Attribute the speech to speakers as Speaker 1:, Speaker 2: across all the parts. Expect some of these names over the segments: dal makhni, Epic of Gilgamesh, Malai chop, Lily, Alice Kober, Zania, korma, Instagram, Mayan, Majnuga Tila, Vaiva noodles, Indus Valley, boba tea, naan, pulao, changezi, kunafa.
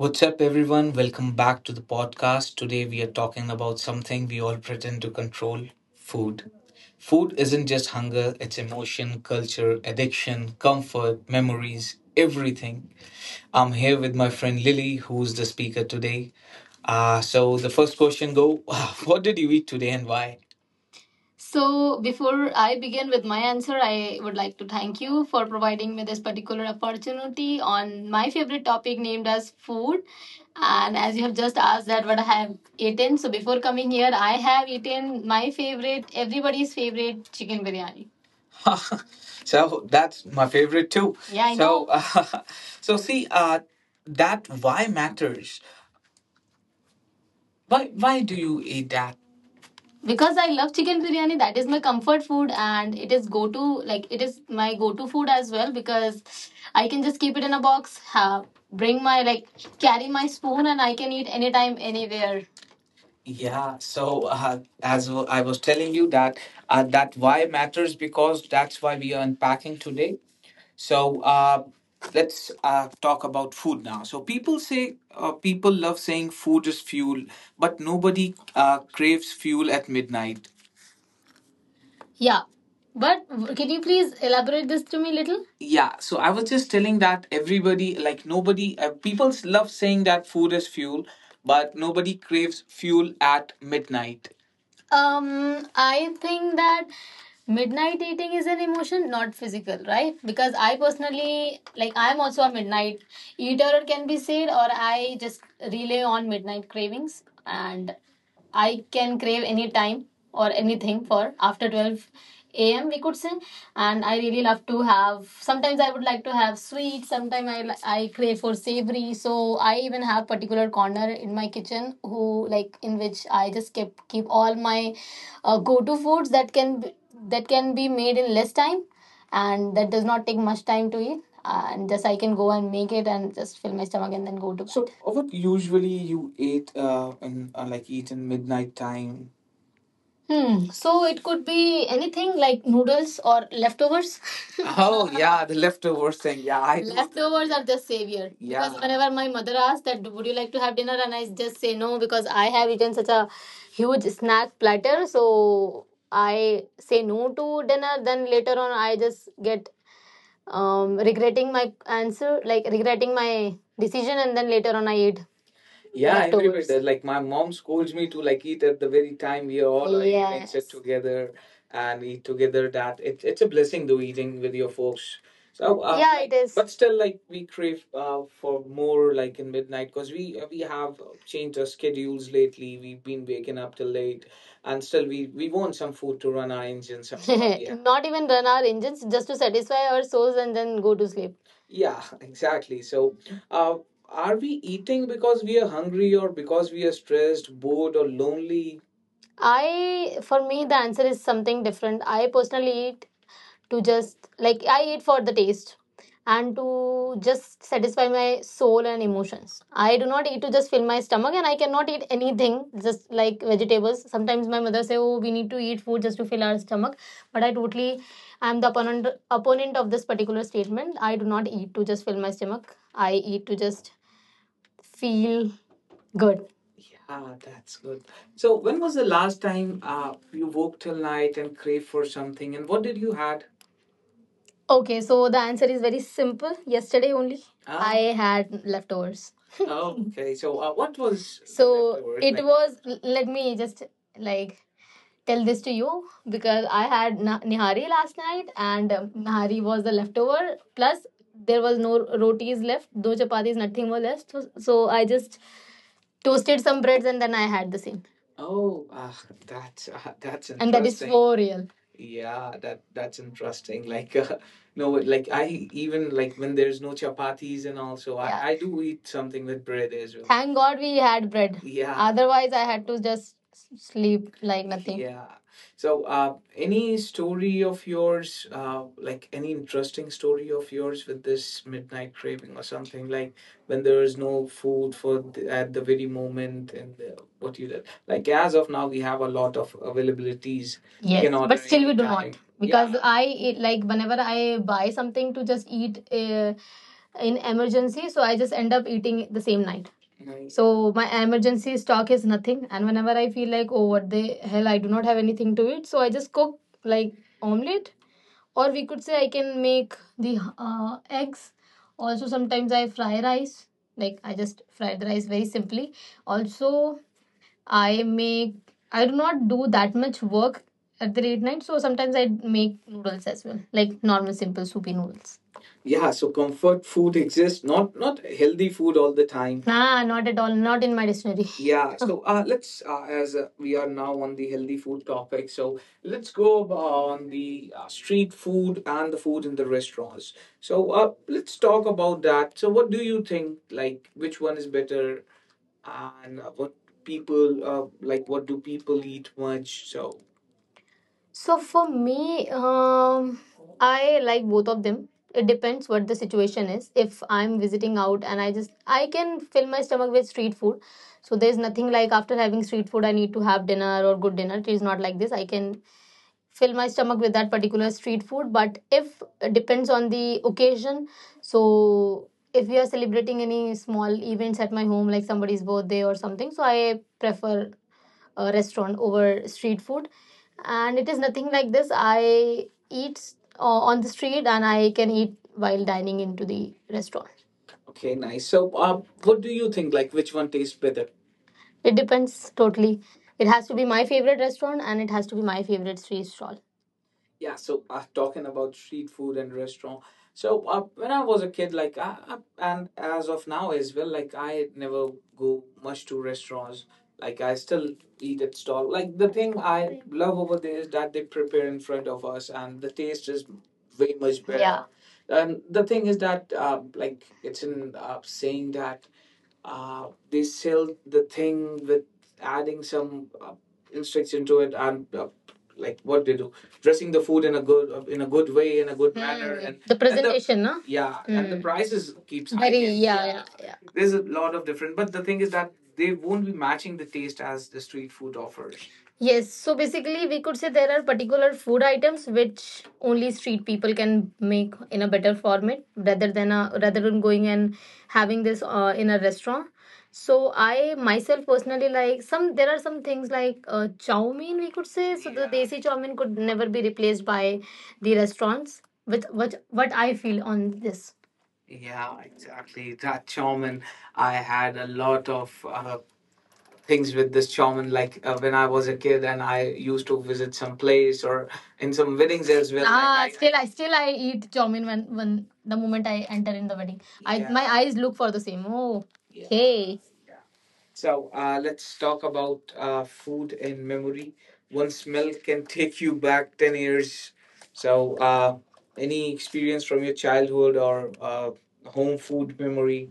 Speaker 1: What's up, everyone? Welcome back to the podcast. Today, we are talking about something we all pretend to control: food. Food isn't just hunger, it's emotion, culture, addiction, comfort, memories, everything. I'm here with my friend Lily, who's the speaker today. The first question go, what did you eat today and why? So, before I begin with my answer, I would like to thank you for providing me this particular opportunity on my favorite topic named as food. And as you have just asked that what I have eaten, so before coming here, I have eaten my favorite, everybody's favorite, chicken biryani. So that's my favorite too. Yeah, I know. Know. So see, that why matters. Why do you eat that? Because I love chicken biryani, that is my comfort food and it is go to, like it is my go to food as well, because I can just keep it in a box, have bring my, like carry my spoon, and I can eat anytime anywhere. Yeah, so I was telling you that why matters because that's why we are unpacking today. So let's talk about food now. So people say people love saying food is fuel, but nobody craves fuel at midnight. Yeah. But can you please elaborate this to me little? Yeah, so I was just telling that everybody, like nobody, people love saying that food is fuel, but nobody craves fuel at midnight. I think that midnight eating is an emotion, not physical, right? Because I personally, like, I'm also a midnight eater, it can be said, or I just rely on midnight cravings, and I can crave any time or anything for after 12 a.m. we could say. And I really love to have. Sometimes I would like to have sweet. Sometimes I crave for savory. So I even have particular corner in my kitchen who like in which I just keep all my go-to foods that can be made in less time, and that does not take much time to eat. And just I can go and make it and just fill my stomach and then go to bed. So, what usually you eat in like eat in midnight time? Hmm. So it could be anything like noodles or leftovers. Oh, yeah, the leftovers thing. Yeah, I do. Leftovers are the savior. Yeah. Because whenever my mother asks that, would you like to have dinner, and I just say no because I have eaten such a huge snack platter. So I say no to dinner. Then later on, I just get regretting my answer, like regretting my decision, and then later on I eat. Yeah, I agree with. Like my mom scolds me to like eat at the very time we are all sit. Yes. Together and eat together. That it's a blessing though eating with your folks. So yeah, it like, is. But still like we crave for more like in midnight because we have changed our schedules lately. We've been waking up till late, and still we want some food to run our engines. Some. Yeah. Not even run our engines, just to satisfy our souls and then go to sleep. Yeah, exactly. So, uh, are we eating because we are hungry or because we are stressed, bored, or lonely? I, for me, the answer is something different. I personally eat to just, like, I eat for the taste and to just satisfy my soul and emotions. I do not eat to just fill my stomach and I cannot eat anything, just like vegetables. Sometimes my mother say, oh, we need to eat food just to fill our stomach. But I totally, I'm the opponent, opponent of this particular statement. I do not eat to just fill my stomach. I eat to just feel good. Yeah, that's good. So, when was the last time you woke till night and craved for something, and what did you had? Okay, so the answer is very simple. Yesterday only, ah, I had leftovers. Okay, so what was. So leftovers it like? Was. Let me just like tell this to you because I had nihari last night, and nihari was the leftover. Plus, there was no rotis left, no chapatis, nothing was left. So, so I just toasted some breads and then I had the same. Oh, ah, that's interesting. And that is interesting. For real. Yeah, that that's interesting. Like, no, like I even like when there's no chapatis and also I. Yeah. I do eat something with bread as well. Thank God we had bread. Yeah. Otherwise, I had to just sleep like nothing. Yeah. So, any story of yours, like any interesting story of yours with this midnight craving or something like? When there is no food for the, at the very moment and what you did. Like as of now, we have a lot of availabilities. We. Yes, can order but still we do anytime. Not Yeah, because I eat, like whenever I buy something to just eat in emergency, so I just end up eating the same night. Nice. So my emergency stock is nothing, and whenever I feel like oh what the hell I do not have anything to eat, so I just cook like omelet or we could say I can make the eggs also sometimes I fry rice like I just fry the rice very simply also I make I do not do that much work at the late night, so sometimes I make noodles as well, like normal simple soupy noodles. Yeah, so comfort food exists, not healthy food all the time. Nah, not at all. Not in my dictionary. Yeah, so let's as we are now on the healthy food topic, so let's go on the street food and the food in the restaurants. So let's talk about that. So what do you think? Like, which one is better? And what people like what do people eat much so. So for me, um, I like both of them. It depends what the situation is. If I'm visiting out and I just I can fill my stomach with street food. So there's nothing like after having street food I need to have dinner or good dinner. It is not like this. I can fill my stomach with that particular street food, but if it depends on the occasion, so if we are celebrating any small events at my home like somebody's birthday or something, so I prefer a restaurant over street food and it is nothing like this I eat on the street and I can eat while dining into the restaurant. Okay, nice. So, what do you think? Like, which one tastes better? It depends totally, it has to be my favorite restaurant and it has to be my favorite street stall. Yeah, so talking about street food and restaurant. So when I was a kid, and as of now as well, like I never go much to restaurants. Like I still eat at stall. Like the thing I love over there is that they prepare in front of us, and the taste is way much better. Yeah. And the thing is that, like it's in saying that they sell the thing with adding some instruction to it and like what they do dressing the food in a good way in a good manner. Hmm. And the. And the presentation, no? Yeah, and the. Hmm. Prices keeps. Very, hiking yeah, yeah yeah, yeah. There's a lot of different, but the thing is that they won't be matching the taste as the street food offers. Yes, so basically, we could say there are particular food items which only street people can make in a better format rather than a, rather than going and having this in a restaurant. So I myself personally like some, there are some things like chow mein we could say, so the desi chow mein could never be replaced by the restaurants with what I feel on this. Yeah, exactly. That chow mein, I had a lot of things with this shaman like when I was a kid and I used to visit some place or in some weddings as well. Ah, like, I still I eat chowmin when the moment I enter in the wedding. I. Yeah. My eyes look for the same. Oh, yeah. Hey. So let's talk about food and memory. One smell can take you back 10 years. So uh, any experience from your childhood or home food memory?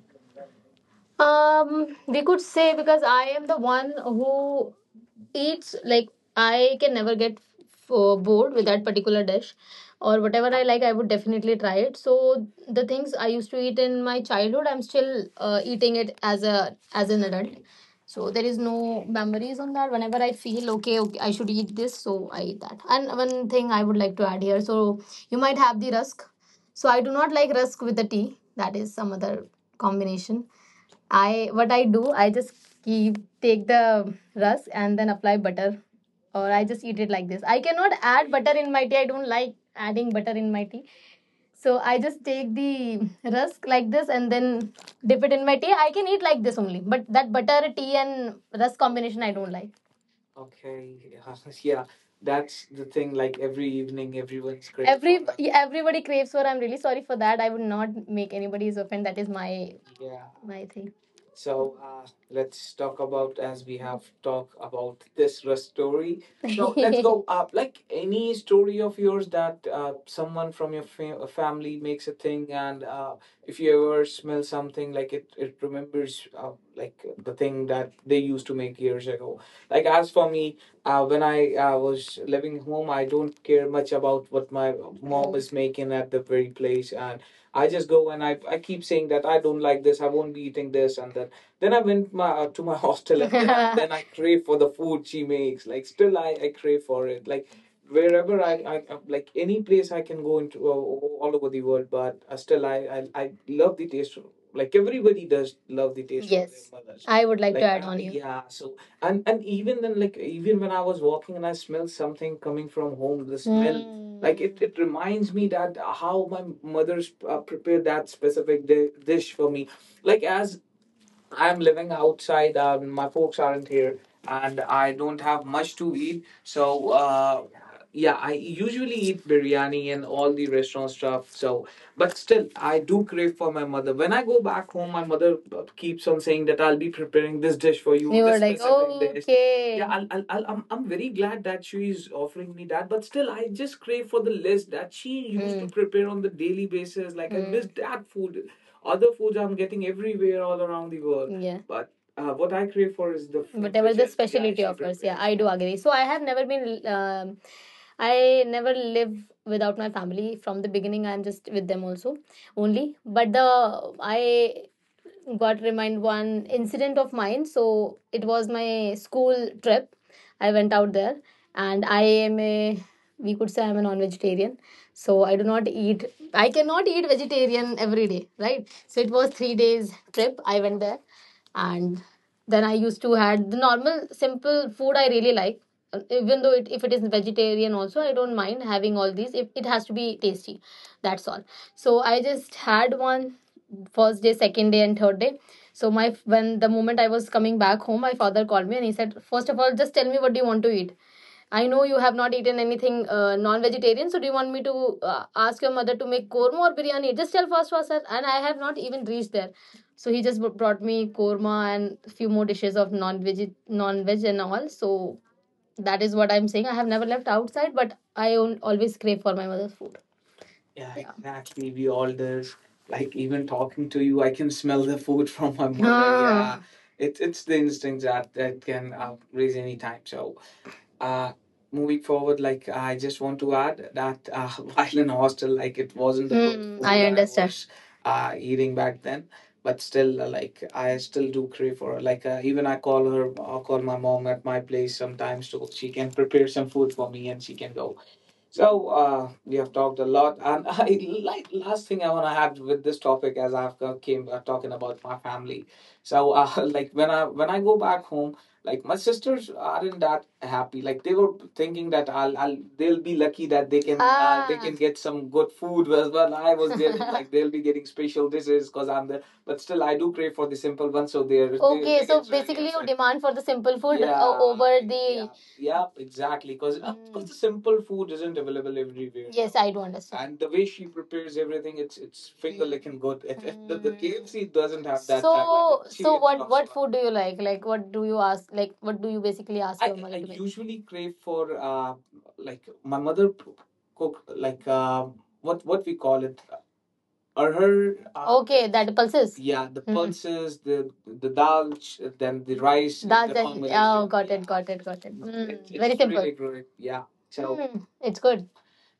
Speaker 1: We could say, because I am the one who eats like I can never get bored with that particular dish, or whatever I like I would definitely try it. So the things I used to eat in my childhood I'm still eating it as a as an adult. So there is no memories on that. Whenever I feel okay, okay, I should eat this, so I eat that. And one thing I would like to add here, so you might have the rusk. So I do not like rusk with the tea. That is some other combination. I, what I do, I just keep take the rusk and then apply butter, or I just eat it like this. I cannot add butter in my tea. I don't like adding butter in my tea. So I just take the rusk like this and then dip it in my tea. I can eat like this only, but that butter tea and rusk combination I don't like. Okay. Yeah. Yeah. That's the thing. Like every evening, everyone's craving for every that. Yeah, everybody craves for. I'm really sorry for that. I would not make anybody's offend. That is my yeah, my thing. So let's talk about, as we have talked about this rest story. So let's go up. Like any story of yours that someone from your family makes a thing, and if you ever smell something, like it remembers like the thing that they used to make years ago. Like as for me, when I was living home, I don't care much about what my mom is making at the very place, and I just go and I keep saying that I don't like this, I won't be eating this, and then I went my to my hostel, and then, then I crave for the food she makes. Like still, I crave for it. Like wherever I like any place I can go into all over the world, but still, I love the taste. Like everybody does love the taste of their yes, mothers. I would like to like add on you. Yeah, so and even then, like even when I was walking and I smelled something coming from home, the smell like it reminds me that how my mother's prepared that specific dish for me, like as I'm living outside. My folks aren't here, and I don't have much to eat. So, yeah, I usually eat biryani and all the restaurant stuff. So, but still, I do crave for my mother. When I go back home, my mother keeps on saying that I'll be preparing this dish for you. You were this, like, specific dish. Okay. Yeah, I'm very glad that she's offering me that, but still, I just crave for the list that she used mm. to mm. prepare on the daily basis. Like I mm. miss that food. Other foods I'm getting everywhere all around the world. Yeah. But what I crave for is the food whatever the yeah, specialty offers. Yeah, I do agree. So I have never been, I never live without my family from the beginning. I'm just with them also only, but the I got remind one incident of mine. So it was my school trip. I went out there, and I am a, we could say I'm a non-vegetarian. So I do not eat. I cannot eat vegetarian every day, right? So it was 3 days trip. I went there, and then I used to had the normal simple food I really like. Even though it, if it is vegetarian also, I don't mind having all these. If it has to be tasty, that's all. So I just had one first day, second day, and third day. So my, when the moment I was coming back home, my father called me and he said, first of all, just tell me what do you want to eat. I know you have not eaten anything non vegetarian. So do you want me to ask your mother to make korma or biryani? Just tell first, sir." And I have not even reached there, so he just brought me korma and a few more dishes of non veg, non veg and all. So that is what I'm saying, I have never left outside, but I always crave for my mother's food. Yeah, yeah, exactly. We all this. Like even talking to you, I can smell the food from my mother. Yeah, ah, it's the instinct that can raise any time. So, uh, moving forward, like I just want to add that while in hostel, like it wasn't the good hmm, food I understand. Was eating back then, but still, like I still do crave for her. Like even I call her, I call my mom at my place sometimes so she can prepare some food for me and she can go. So we have talked a lot, and I, like last thing I want to add with this topic, as I've came talking about my family. So like when I, when I go back home, like my sisters aren't that happy. Like they were thinking that I'll they'll be lucky that they can ah, get some good food as well. I was getting like they'll be getting special dishes because I'm there, but still I do crave for the simple ones. So they're okay, they so get really basically you upset. Demand for the simple food Yeah, over the yeah, exactly. Because mm. the simple food isn't available everywhere. Yes, I do understand. And the way she prepares everything, it's finger licking good. If the KFC doesn't have that, so, tagline, she so what food do you like? Like, what do you ask? Like, what do you basically ask I, your mother I to make? I usually crave for like my mother cook like, what we call it or her. Okay, that pulses. Yeah, the mhm. pulses, the dal, then the rice, dal, that's the it. Oh, got yeah, it, got it, got it. Mm, very simple. Really great. Yeah. So mm, it's good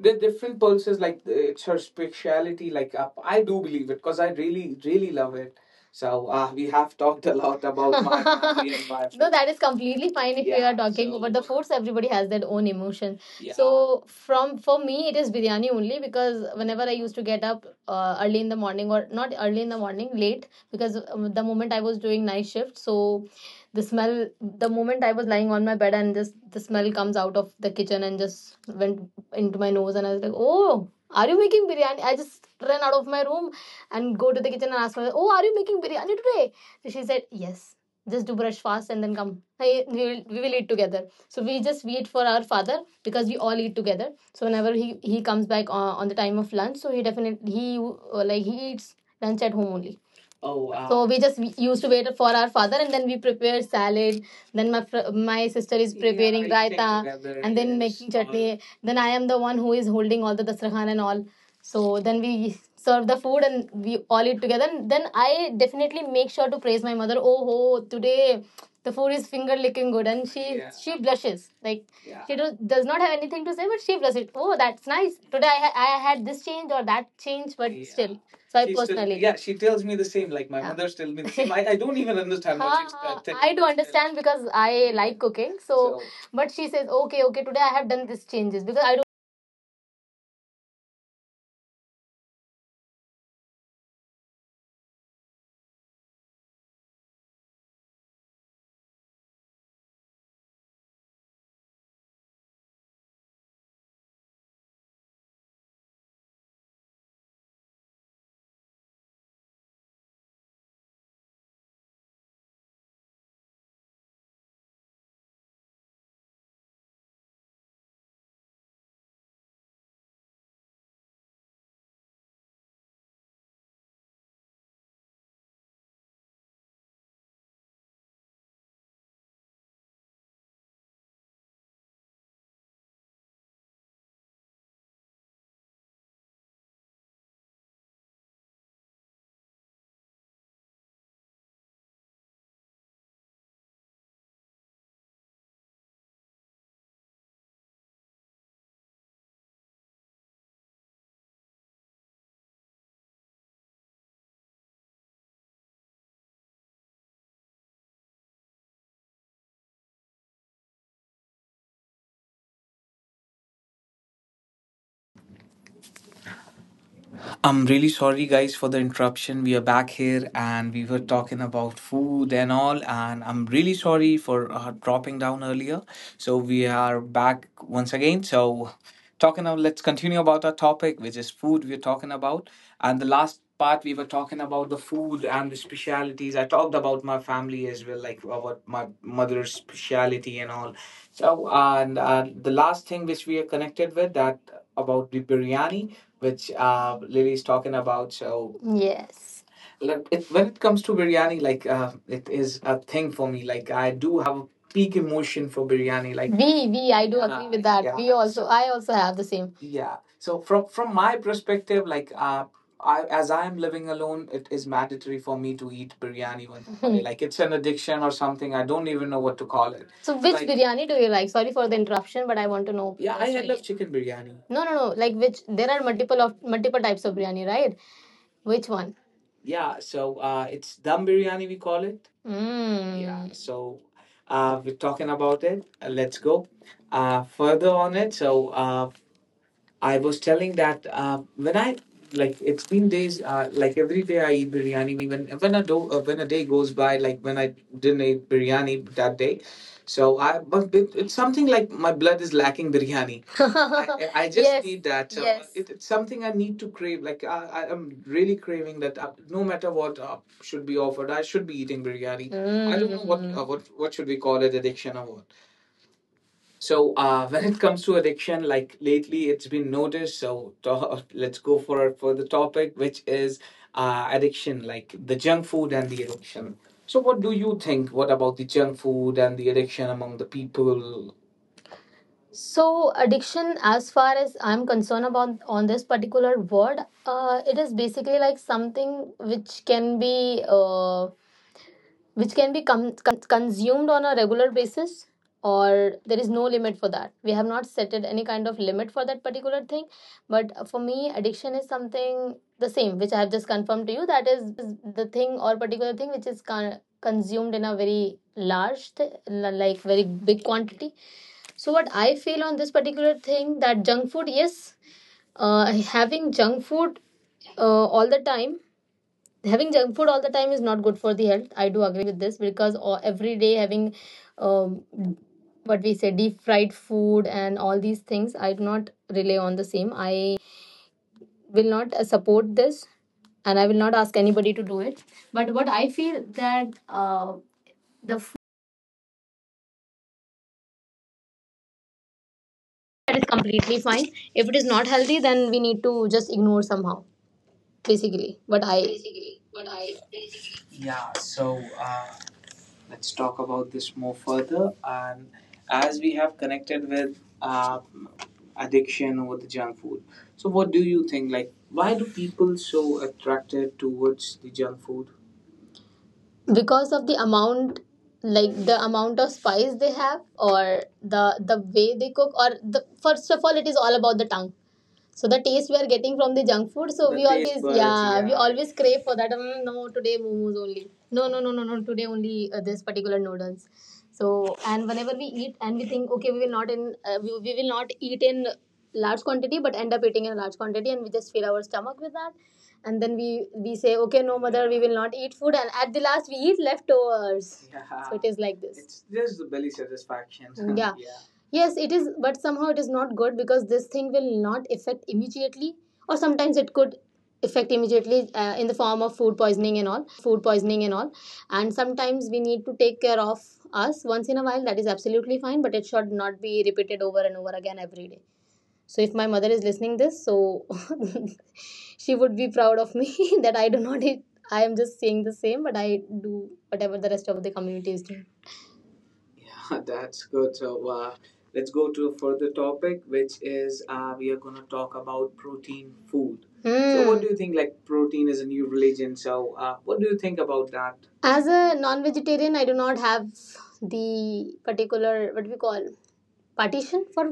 Speaker 1: the different pulses like, it's her speciality, like I do believe it because I really really love it. So we have talked a lot about my family and my no, that is completely fine if we yeah, are talking about the foods. Everybody has their own emotion. Yeah. So from, for me, it is biryani only, because whenever I used to get up early in the morning, or not early in the morning, late, because the moment I was doing night shift, so the smell, the moment I was lying on my bed and just the smell comes out of the kitchen and just went into my nose, and I was like, oh, are you making biryani? I just ran out of my room and go to the kitchen and asked her, oh, are you making biryani today? So she said, yes. Just do brush fast and then come. Hey, we will eat together. So we just wait for our father, because we all eat together. So whenever he comes back on the time of lunch, so he definitely, he like he eats lunch at home only. Oh wow. So we just used to wait for our father, and then we prepare salad. Then my my sister is yeah, preparing eating raita, and then yes, making chutney. Then I am the one who is holding all the dasrakhan and all. So then we serve the food and we all eat together. And then I definitely make sure to praise my mother. Oh, ho, today the food is finger licking good, and she yeah. she blushes, like yeah. She do, does not have anything to say, but she does it. Oh, that's nice. Today I had this change or that change, but yeah. still. So I she still, personally. Still, yeah, she tells me the same. Like my yeah. mother tells me the same. I don't even understand what she's telling. I do understand because I like cooking. So, so but she says, okay, okay, today I have done these changes because I don't.
Speaker 2: I'm really sorry, guys, for the interruption. We are back here and we were talking about food and all. And I'm really sorry for dropping down earlier. So we are back once again. So, talking now, let's continue about our topic, which is food we're talking about. And the last part, we were talking about the food and the specialities. I talked about my family as well, like about my mother's speciality and all. So, and the last thing which we are connected with that about the biryani, which Lily's talking about. So, yes. Look, when it comes to biryani, like it is a thing for me. Like I do have peak emotion for biryani. Like I do agree with that. Yeah, we also, I also have the same. Yeah. So from my perspective, like I as I am living alone, it is mandatory for me to eat biryani one. Day. Like it's an addiction or something. I don't even know what to call it. So, which like biryani do you like? Sorry for the interruption, but I want to know, yeah, I personally love chicken biryani. No, no, no. Like which? There are multiple types of biryani, right? Which one? Yeah, so it's dum biryani, we call it. Mm. Yeah, so we're talking about it. Let's go further on it. So I was telling that when I like it's been days like every day I eat biryani when when a day goes by like when I didn't eat biryani that day so I but it's something like my blood is lacking biryani. I just yes need that. So yes, it's something I need to crave. Like I am really craving that no matter what should be offered, I should be eating biryani. I don't know what what should we call it, addiction or so. When it comes to addiction, like lately, it's been noticed. So let's go for the topic, which is addiction, like the junk food and the addiction. So what do you think? What about the junk food and the addiction among the people? So addiction, as far as I'm concerned about on this particular word, it is basically like something which can be. Which can be consumed on a regular basis, or there is no limit for that, we have not set it any kind of limit for that particular thing. But for me, addiction is something the same which I have just confirmed to you, that is the thing or particular thing which is consumed in a very large like very big quantity. So what I feel on this particular thing, that junk food, yes, uh, having junk food all the time, having junk food all the time is not good for the health. I do agree with this, because all, every day having um, what we say deep fried food and all these things, I do not rely on the same. I will not support this and I will not ask anybody to do it. But what I feel that the
Speaker 3: That is completely fine. If it is not healthy, then we need to just ignore somehow, basically. But I. Basically, what I. Yeah, so let's talk about this more further. And as we have connected with addiction over the junk food, so what do you think? Like, why do people so attracted towards the junk food? Because of the amount, like the amount of spice they have, or the way they cook, or the first of all it is all about the tongue, so the taste we are getting from the junk food. So the we taste always buds, yeah we yeah, always crave for that. "Mm, no, today momos only, no, no, no, no, no, today only this particular noodles. So and whenever we eat, and we think, okay, we will not we will not eat in large quantity, but end up eating in a large quantity, and we just fill our stomach with that. And then we say, okay, no mother, we will not eat food, and at the last we eat leftovers. Yeah. So it is like this. It's just the belly satisfaction. Yeah. Yeah. Yes, it is, but somehow it is not good, because this thing will not affect immediately, or sometimes it could affect immediately in the form of food poisoning and all. And sometimes we need to take care of us once in a while, that is absolutely fine, but it should not be repeated over and over again every day. So if my mother is listening this, so she would be proud of me that I do not eat. I am just saying the same, but I do whatever the rest of the community is doing. Yeah, that's good. So let's go to a further topic, which is we are going to talk about protein food. So, what do you think? Like, protein is a new religion. So, what do you think about that? As a non vegetarian, I do not have the particular what we call partition for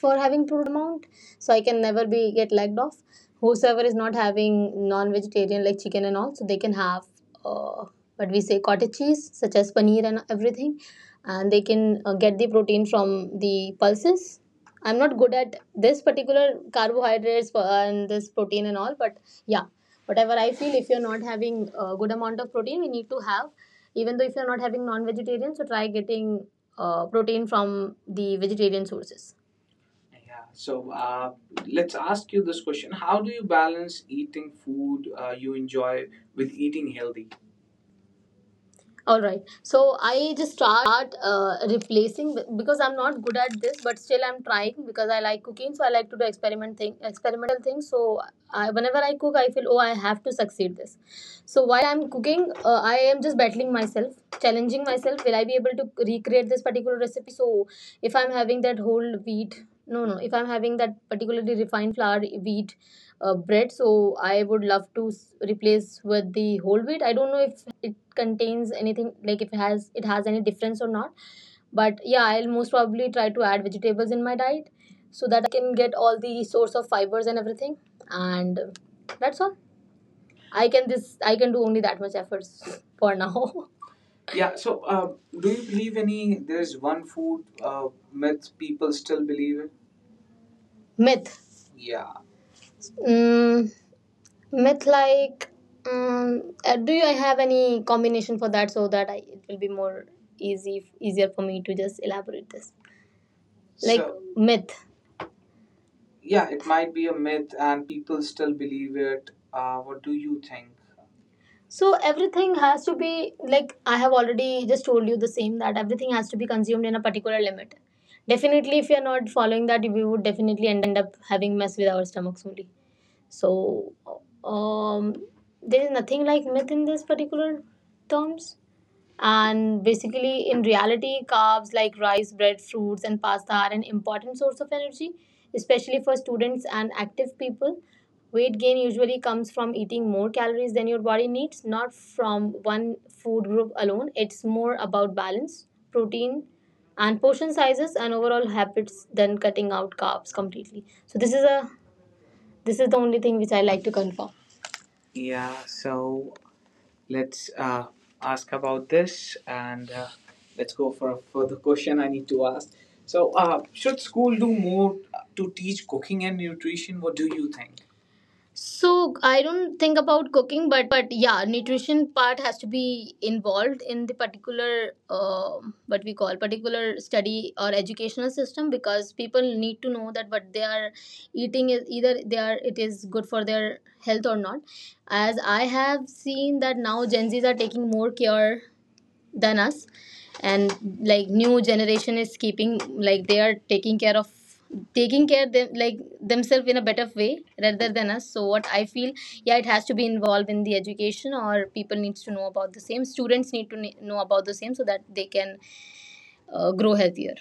Speaker 3: for having protein. I eat protein in a very good amount, so I can never be get lagged off. Whosoever is not having non-vegetarian like chicken and all, so they can have uh, what we say cottage cheese such as paneer and everything, and they can get the protein from the pulses. I'm not good at this particular carbohydrates and this protein and all, but yeah, whatever I feel, if you're not having a good amount of protein, we need to have, even though if you're not having non-vegetarian, so try getting protein from the vegetarian sources. Yeah. So uh, let's ask you this question: how do you balance eating food you enjoy with eating healthy? All right. So I just start replacing because I'm not good at this, but still I'm trying because I like cooking. So I like to do experiment thing, experimental things. So I, whenever I cook, I feel, oh, I have to succeed this. So while I'm cooking, I am just battling myself, challenging myself. Will I be able to recreate this particular recipe? So if I'm having that whole wheat, no, no. If I'm having that particularly refined flour wheat bread, so I would love to replace with the whole wheat. I don't know if it contains anything, like if it has any difference or not, but yeah, I'll most probably try to add vegetables in my diet so that I can get all the source of fibers and everything, and that's all I can, this I can do only that much efforts for now. Yeah. So, do you believe any? There's one food myth people still believe in. Myth. Yeah. mm, Myth, like, do you I have any combination for that so that I, it will be more easy easier for me to just elaborate this? Like, so, myth. Yeah, it might be a myth and people still believe it. What do you think? So everything has to be like I have already just told you the same, that everything has to be consumed in a particular limit. Definitely, if you are not following that, we would definitely end up having mess with our stomachs only. So, um, there is nothing like myth in this particular terms. And basically, in reality, carbs like rice, bread, fruits, and pasta are an important source of energy, especially for students and active people. Weight gain usually comes from eating more calories than your body needs, not from one food group alone. It's more about balance, protein, and portion sizes and overall habits than cutting out carbs completely. So, this is the only thing which I like to confirm. Yeah, so let's ask about this, and let's go for a further question I need to ask. So, should school do more to teach cooking and nutrition? What do you think? So I don't think about cooking, but yeah, nutrition part has to be involved in the particular what we call particular study or educational system, because people need to know that what they are eating is either they are it is good for their health or not. As I have seen that now Gen Zs are taking more care than us, and like new generation is keeping like they are taking care of taking care them like themselves in a better way rather than us. So what I feel, yeah, it has to be involved in the education, or people needs to know about the same, students need to know about the same so that they can grow healthier.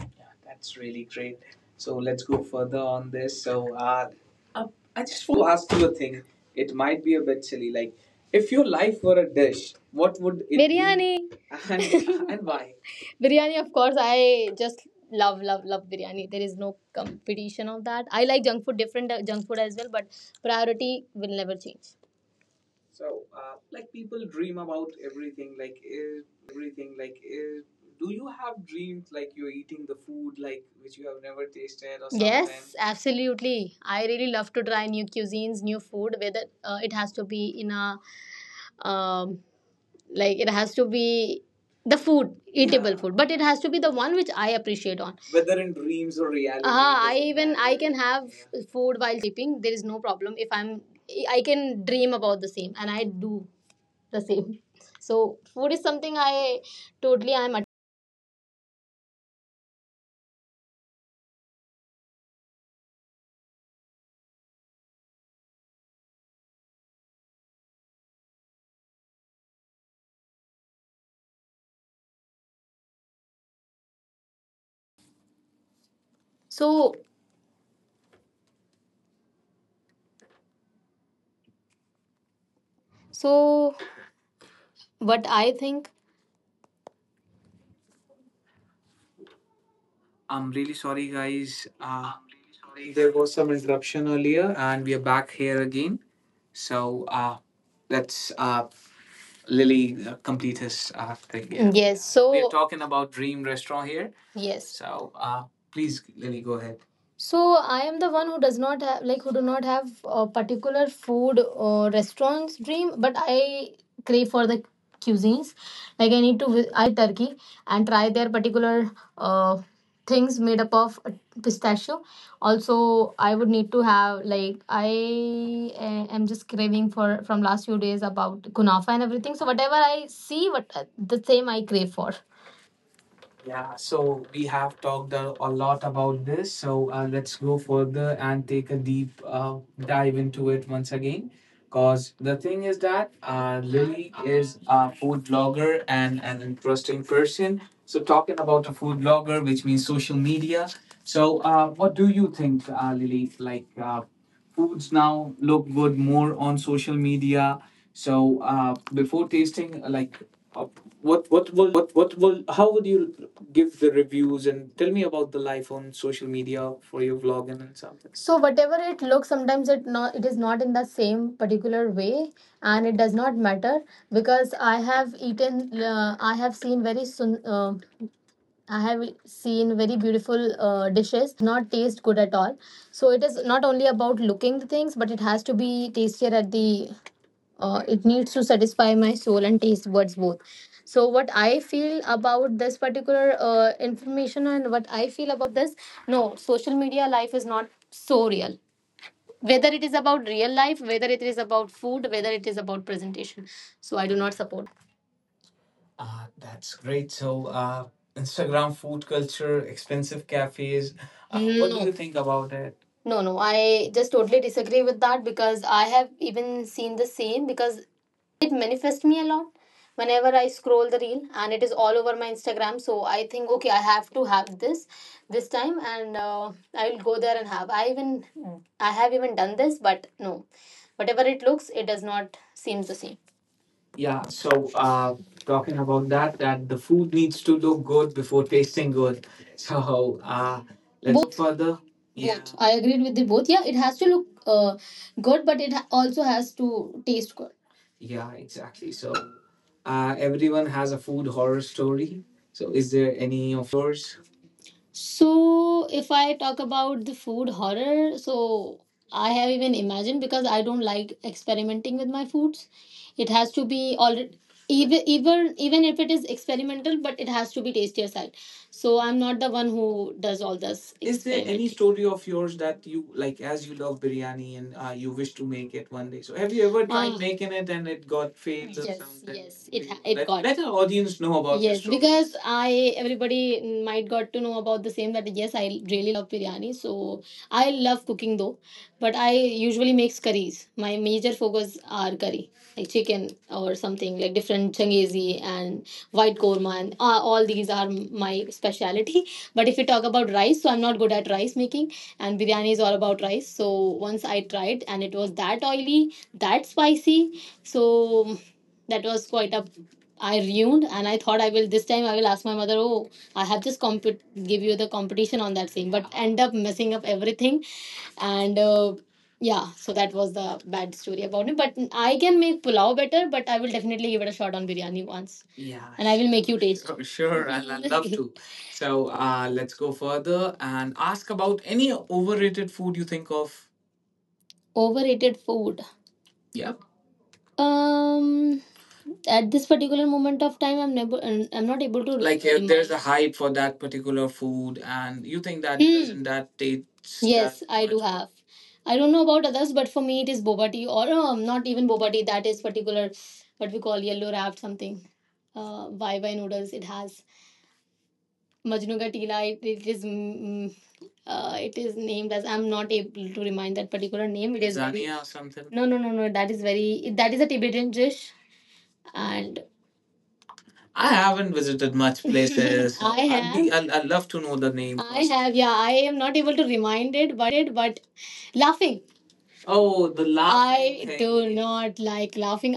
Speaker 3: Yeah, that's really great. So let's go further on this. So uh, I just want to ask you a thing. It might be a bit silly. Like, if your life were a dish, what would it be? Biryani. And and why? Biryani, of course. I just love biryani. There is no competition of that. I like junk food, different junk food as well, but priority will never change. So, like people dream about everything. Like, do you have dreams like you're eating the food like which you have never tasted or something? Yes, absolutely. I really love to try new cuisines, new food, whether it has to be in a um, like it has to be the food, eatable. Yeah. Food, but it has to be the one which I appreciate on. Whether in dreams or reality, ah, it I doesn't even matter. I matter. Can have, yeah, food while sleeping. There is no problem. If I can dream about the same, and I do the same. So food is something I'm
Speaker 2: so so what I think, I'm really sorry, guys. There was some interruption earlier, and we are back here again. So let's Lily complete his thing. Yeah. Yes, we are talking about Dream Restaurant here. Yes. So please, Lily, go ahead. So I am the one who does not have like who do not have a particular food or restaurants dream, but I crave for the cuisines. Like I need to I want to visit Turkey and try their particular uh, things made up of pistachio. Also I would need to have like I am just craving for from last few days about kunafa and everything. So whatever I see, what the same I crave for. Yeah, so we have talked a lot about this. So let's go further and take a deep dive into it once again. Because the thing is that Lily is a food blogger and an interesting person. So, talking about a food blogger, which means social media. So, what do you think, Lily? Like, foods now look good more on social media. So before tasting, like uh, what will how would you give the reviews and tell me about the life on social media for your vlog and then something. So whatever it looks, sometimes it is not in the same particular way, and it does not matter because I have eaten, I have seen very soon. I have seen very beautiful dishes, but it does not taste good at all. So it is not only about looking the things, but it has to be tastier at the. It needs to satisfy my soul and taste buds both. So what I feel about this particular information and what I feel about this, no, social media life is not so real. Whether it is about real life, whether it is about food, whether it is about presentation. So I do not support that. Ah, that's great. So, Instagram food culture, expensive cafes. What do no, you think about it? No, no, I just totally disagree with that because I have even seen the same, because it manifests me a lot whenever I scroll the reel and it is all over my Instagram. So I think, okay, I have to have this time and I will go there and have. I even I have even done this, but no, whatever it looks, it does not seem the same. Yeah, so talking about that, that the food needs to look good before tasting good. So let's go both further. Yeah. Both I agreed with the both. Yeah, it has to look good but it also has to taste good. Yeah, exactly. So everyone has a food horror story. So is there any of yours? So, if I talk about the food horror, so I have even imagined because I don't like experimenting with my foods. It has to be already even even if it is experimental, but it has to be tastier side. So I'm not the one who does all this. Is there any story of yours that you like as you love biryani and you wish to make it one day? So have you ever tried, ah, making it and it got failed or yes, something? Yes, it let, got. Let our audience know about yes this story. Because I, everybody might got to know about the same, that yes, I really love biryani. So I love cooking though, but I usually makes curries. My major focus are curry, like chicken or something like different changezi and white korma, and all these are my speciality. But if we talk about rice, so I'm not good at rice making, and biryani is all about rice. So once I tried, and it was that oily, that spicy, so that was quite a I ruined and I thought I will this time I will ask my mother, oh, I have just give you the competition on that thing, but end up messing up everything and yeah, so that was the bad story about it. But I can make pulao better, but I will definitely give it a shot on biryani once. Yeah. And I will make you taste. Sure, sure, I'd love to. So let's go further and ask about any overrated food you think of. Overrated food, yep. um at this particular moment of time, I'm never I'm not able to like if there's a hype for that particular food and you think that, hmm, doesn't that taste that yes that I do much have. I don't know about others, but for me it is boba tea or not even boba tea. That is particular what we call yellow wrapped something. Vaiva noodles. It has Majnuga Tila. It is it is named as I'm not able to remind that particular name. It is very- Zania or something. No no no no. That is very that is a Tibetan dish and I haven't visited much places. I have. I'd love to know the name. I first. Have yeah. I am not able to remind it, but laughing. Oh, the laughing I thing. Do not like laughing.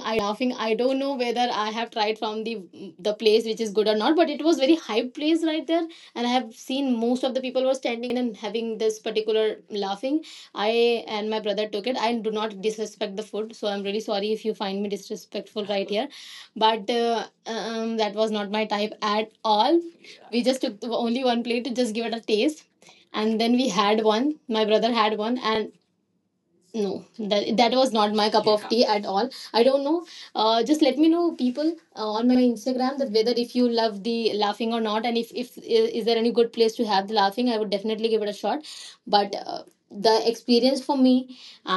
Speaker 2: I don't know whether I have tried from the place which is good or not, but it was very hype place right there, and I have seen most of the people were standing in the line and having this particular laughing. I and my brother took it. I do not disrespect the food, so I'm really sorry if you find me disrespectful right here, but that was not my type at all. We just took only one plate to just give it a taste. And then we had one. My brother had one, and no that was not my cup of tea at all. I don't know, just let me know people on my Instagram that whether if you love the laughing or not, and if is there any good place to have the laughing, I would definitely give it a shot. But the experience for me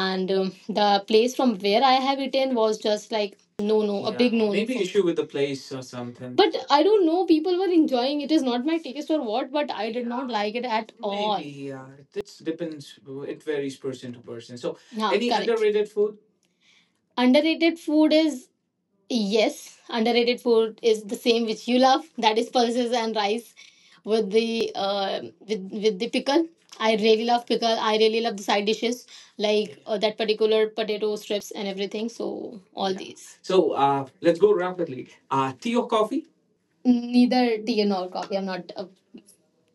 Speaker 2: and the place from where I have eaten was just like no, no, a. Yeah, big no, no, maybe issue with the place or something. But I don't know, people were enjoying it. Is not my taste or what, but I did not like it at all. Maybe, yeah. It depends. It varies person to person. So, yeah, any correct. Underrated food? Underrated food is, yes, underrated food is the same which you love. That is pulses and rice with the, with the pickle. I really love pickle. I really love the side dishes like, that particular potato strips and everything. So all, yeah, these. So let's go rapidly. Tea or coffee? Neither tea nor coffee. I'm not a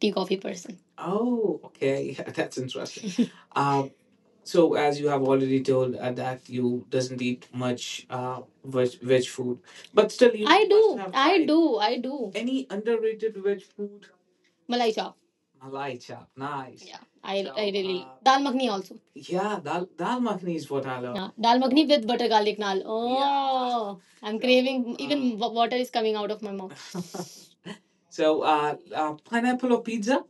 Speaker 2: tea coffee person. Oh, okay. Yeah, that's interesting. um, so as you have already told, that you doesn't eat much veg food, but still you, I must do, have I tried, do. I do. Any underrated veg food? Malai chop. Malai chap, nice. Yeah, I, so, I really, dal makhni also. Yeah, dal makhni is what I love. Yeah, dal makhni with butter garlic naan. Oh, yeah. I'm, so, craving. Even water is coming out of my mouth. So, pineapple or pizza?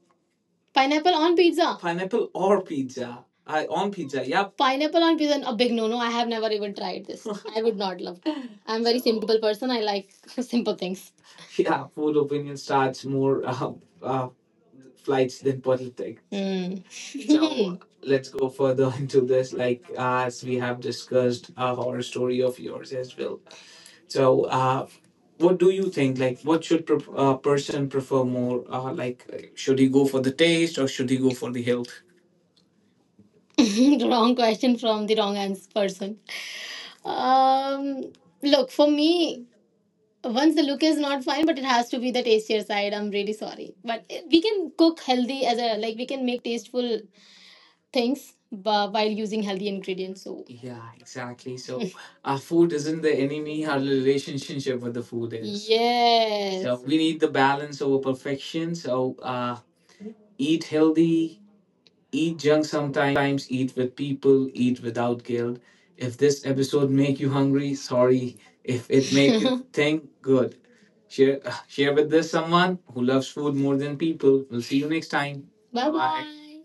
Speaker 2: Pineapple on pizza. Pineapple or pizza? I, on pizza, yeah. Pineapple on pizza, a big no no. I have never even tried this. I would not love it. I'm a very simple person. I like simple things. Yeah, food opinion starts more uh, flights than politics. Hmm. So let's go further into this. Like, as we have discussed, a horror story of yours as well. So, what do you think? Like, what should a person prefer more? Like, should he go for the taste or should he go for the health? Wrong question from the wrong person. Um, Look, for me, once the look is not fine, but it has to be the tastier side. I'm really sorry, but we can cook healthy as a, like we can make tasteful things but while using healthy ingredients. So yeah, exactly. So our food isn't the enemy, our relationship with the food is. Yes. So yes, we need the balance over perfection. So eat healthy, eat junk sometimes, eat with people, eat without guilt. If this episode make you hungry, sorry. If it make you think, good. Share share with this someone who loves food more than people. We'll see you next time. Bye, bye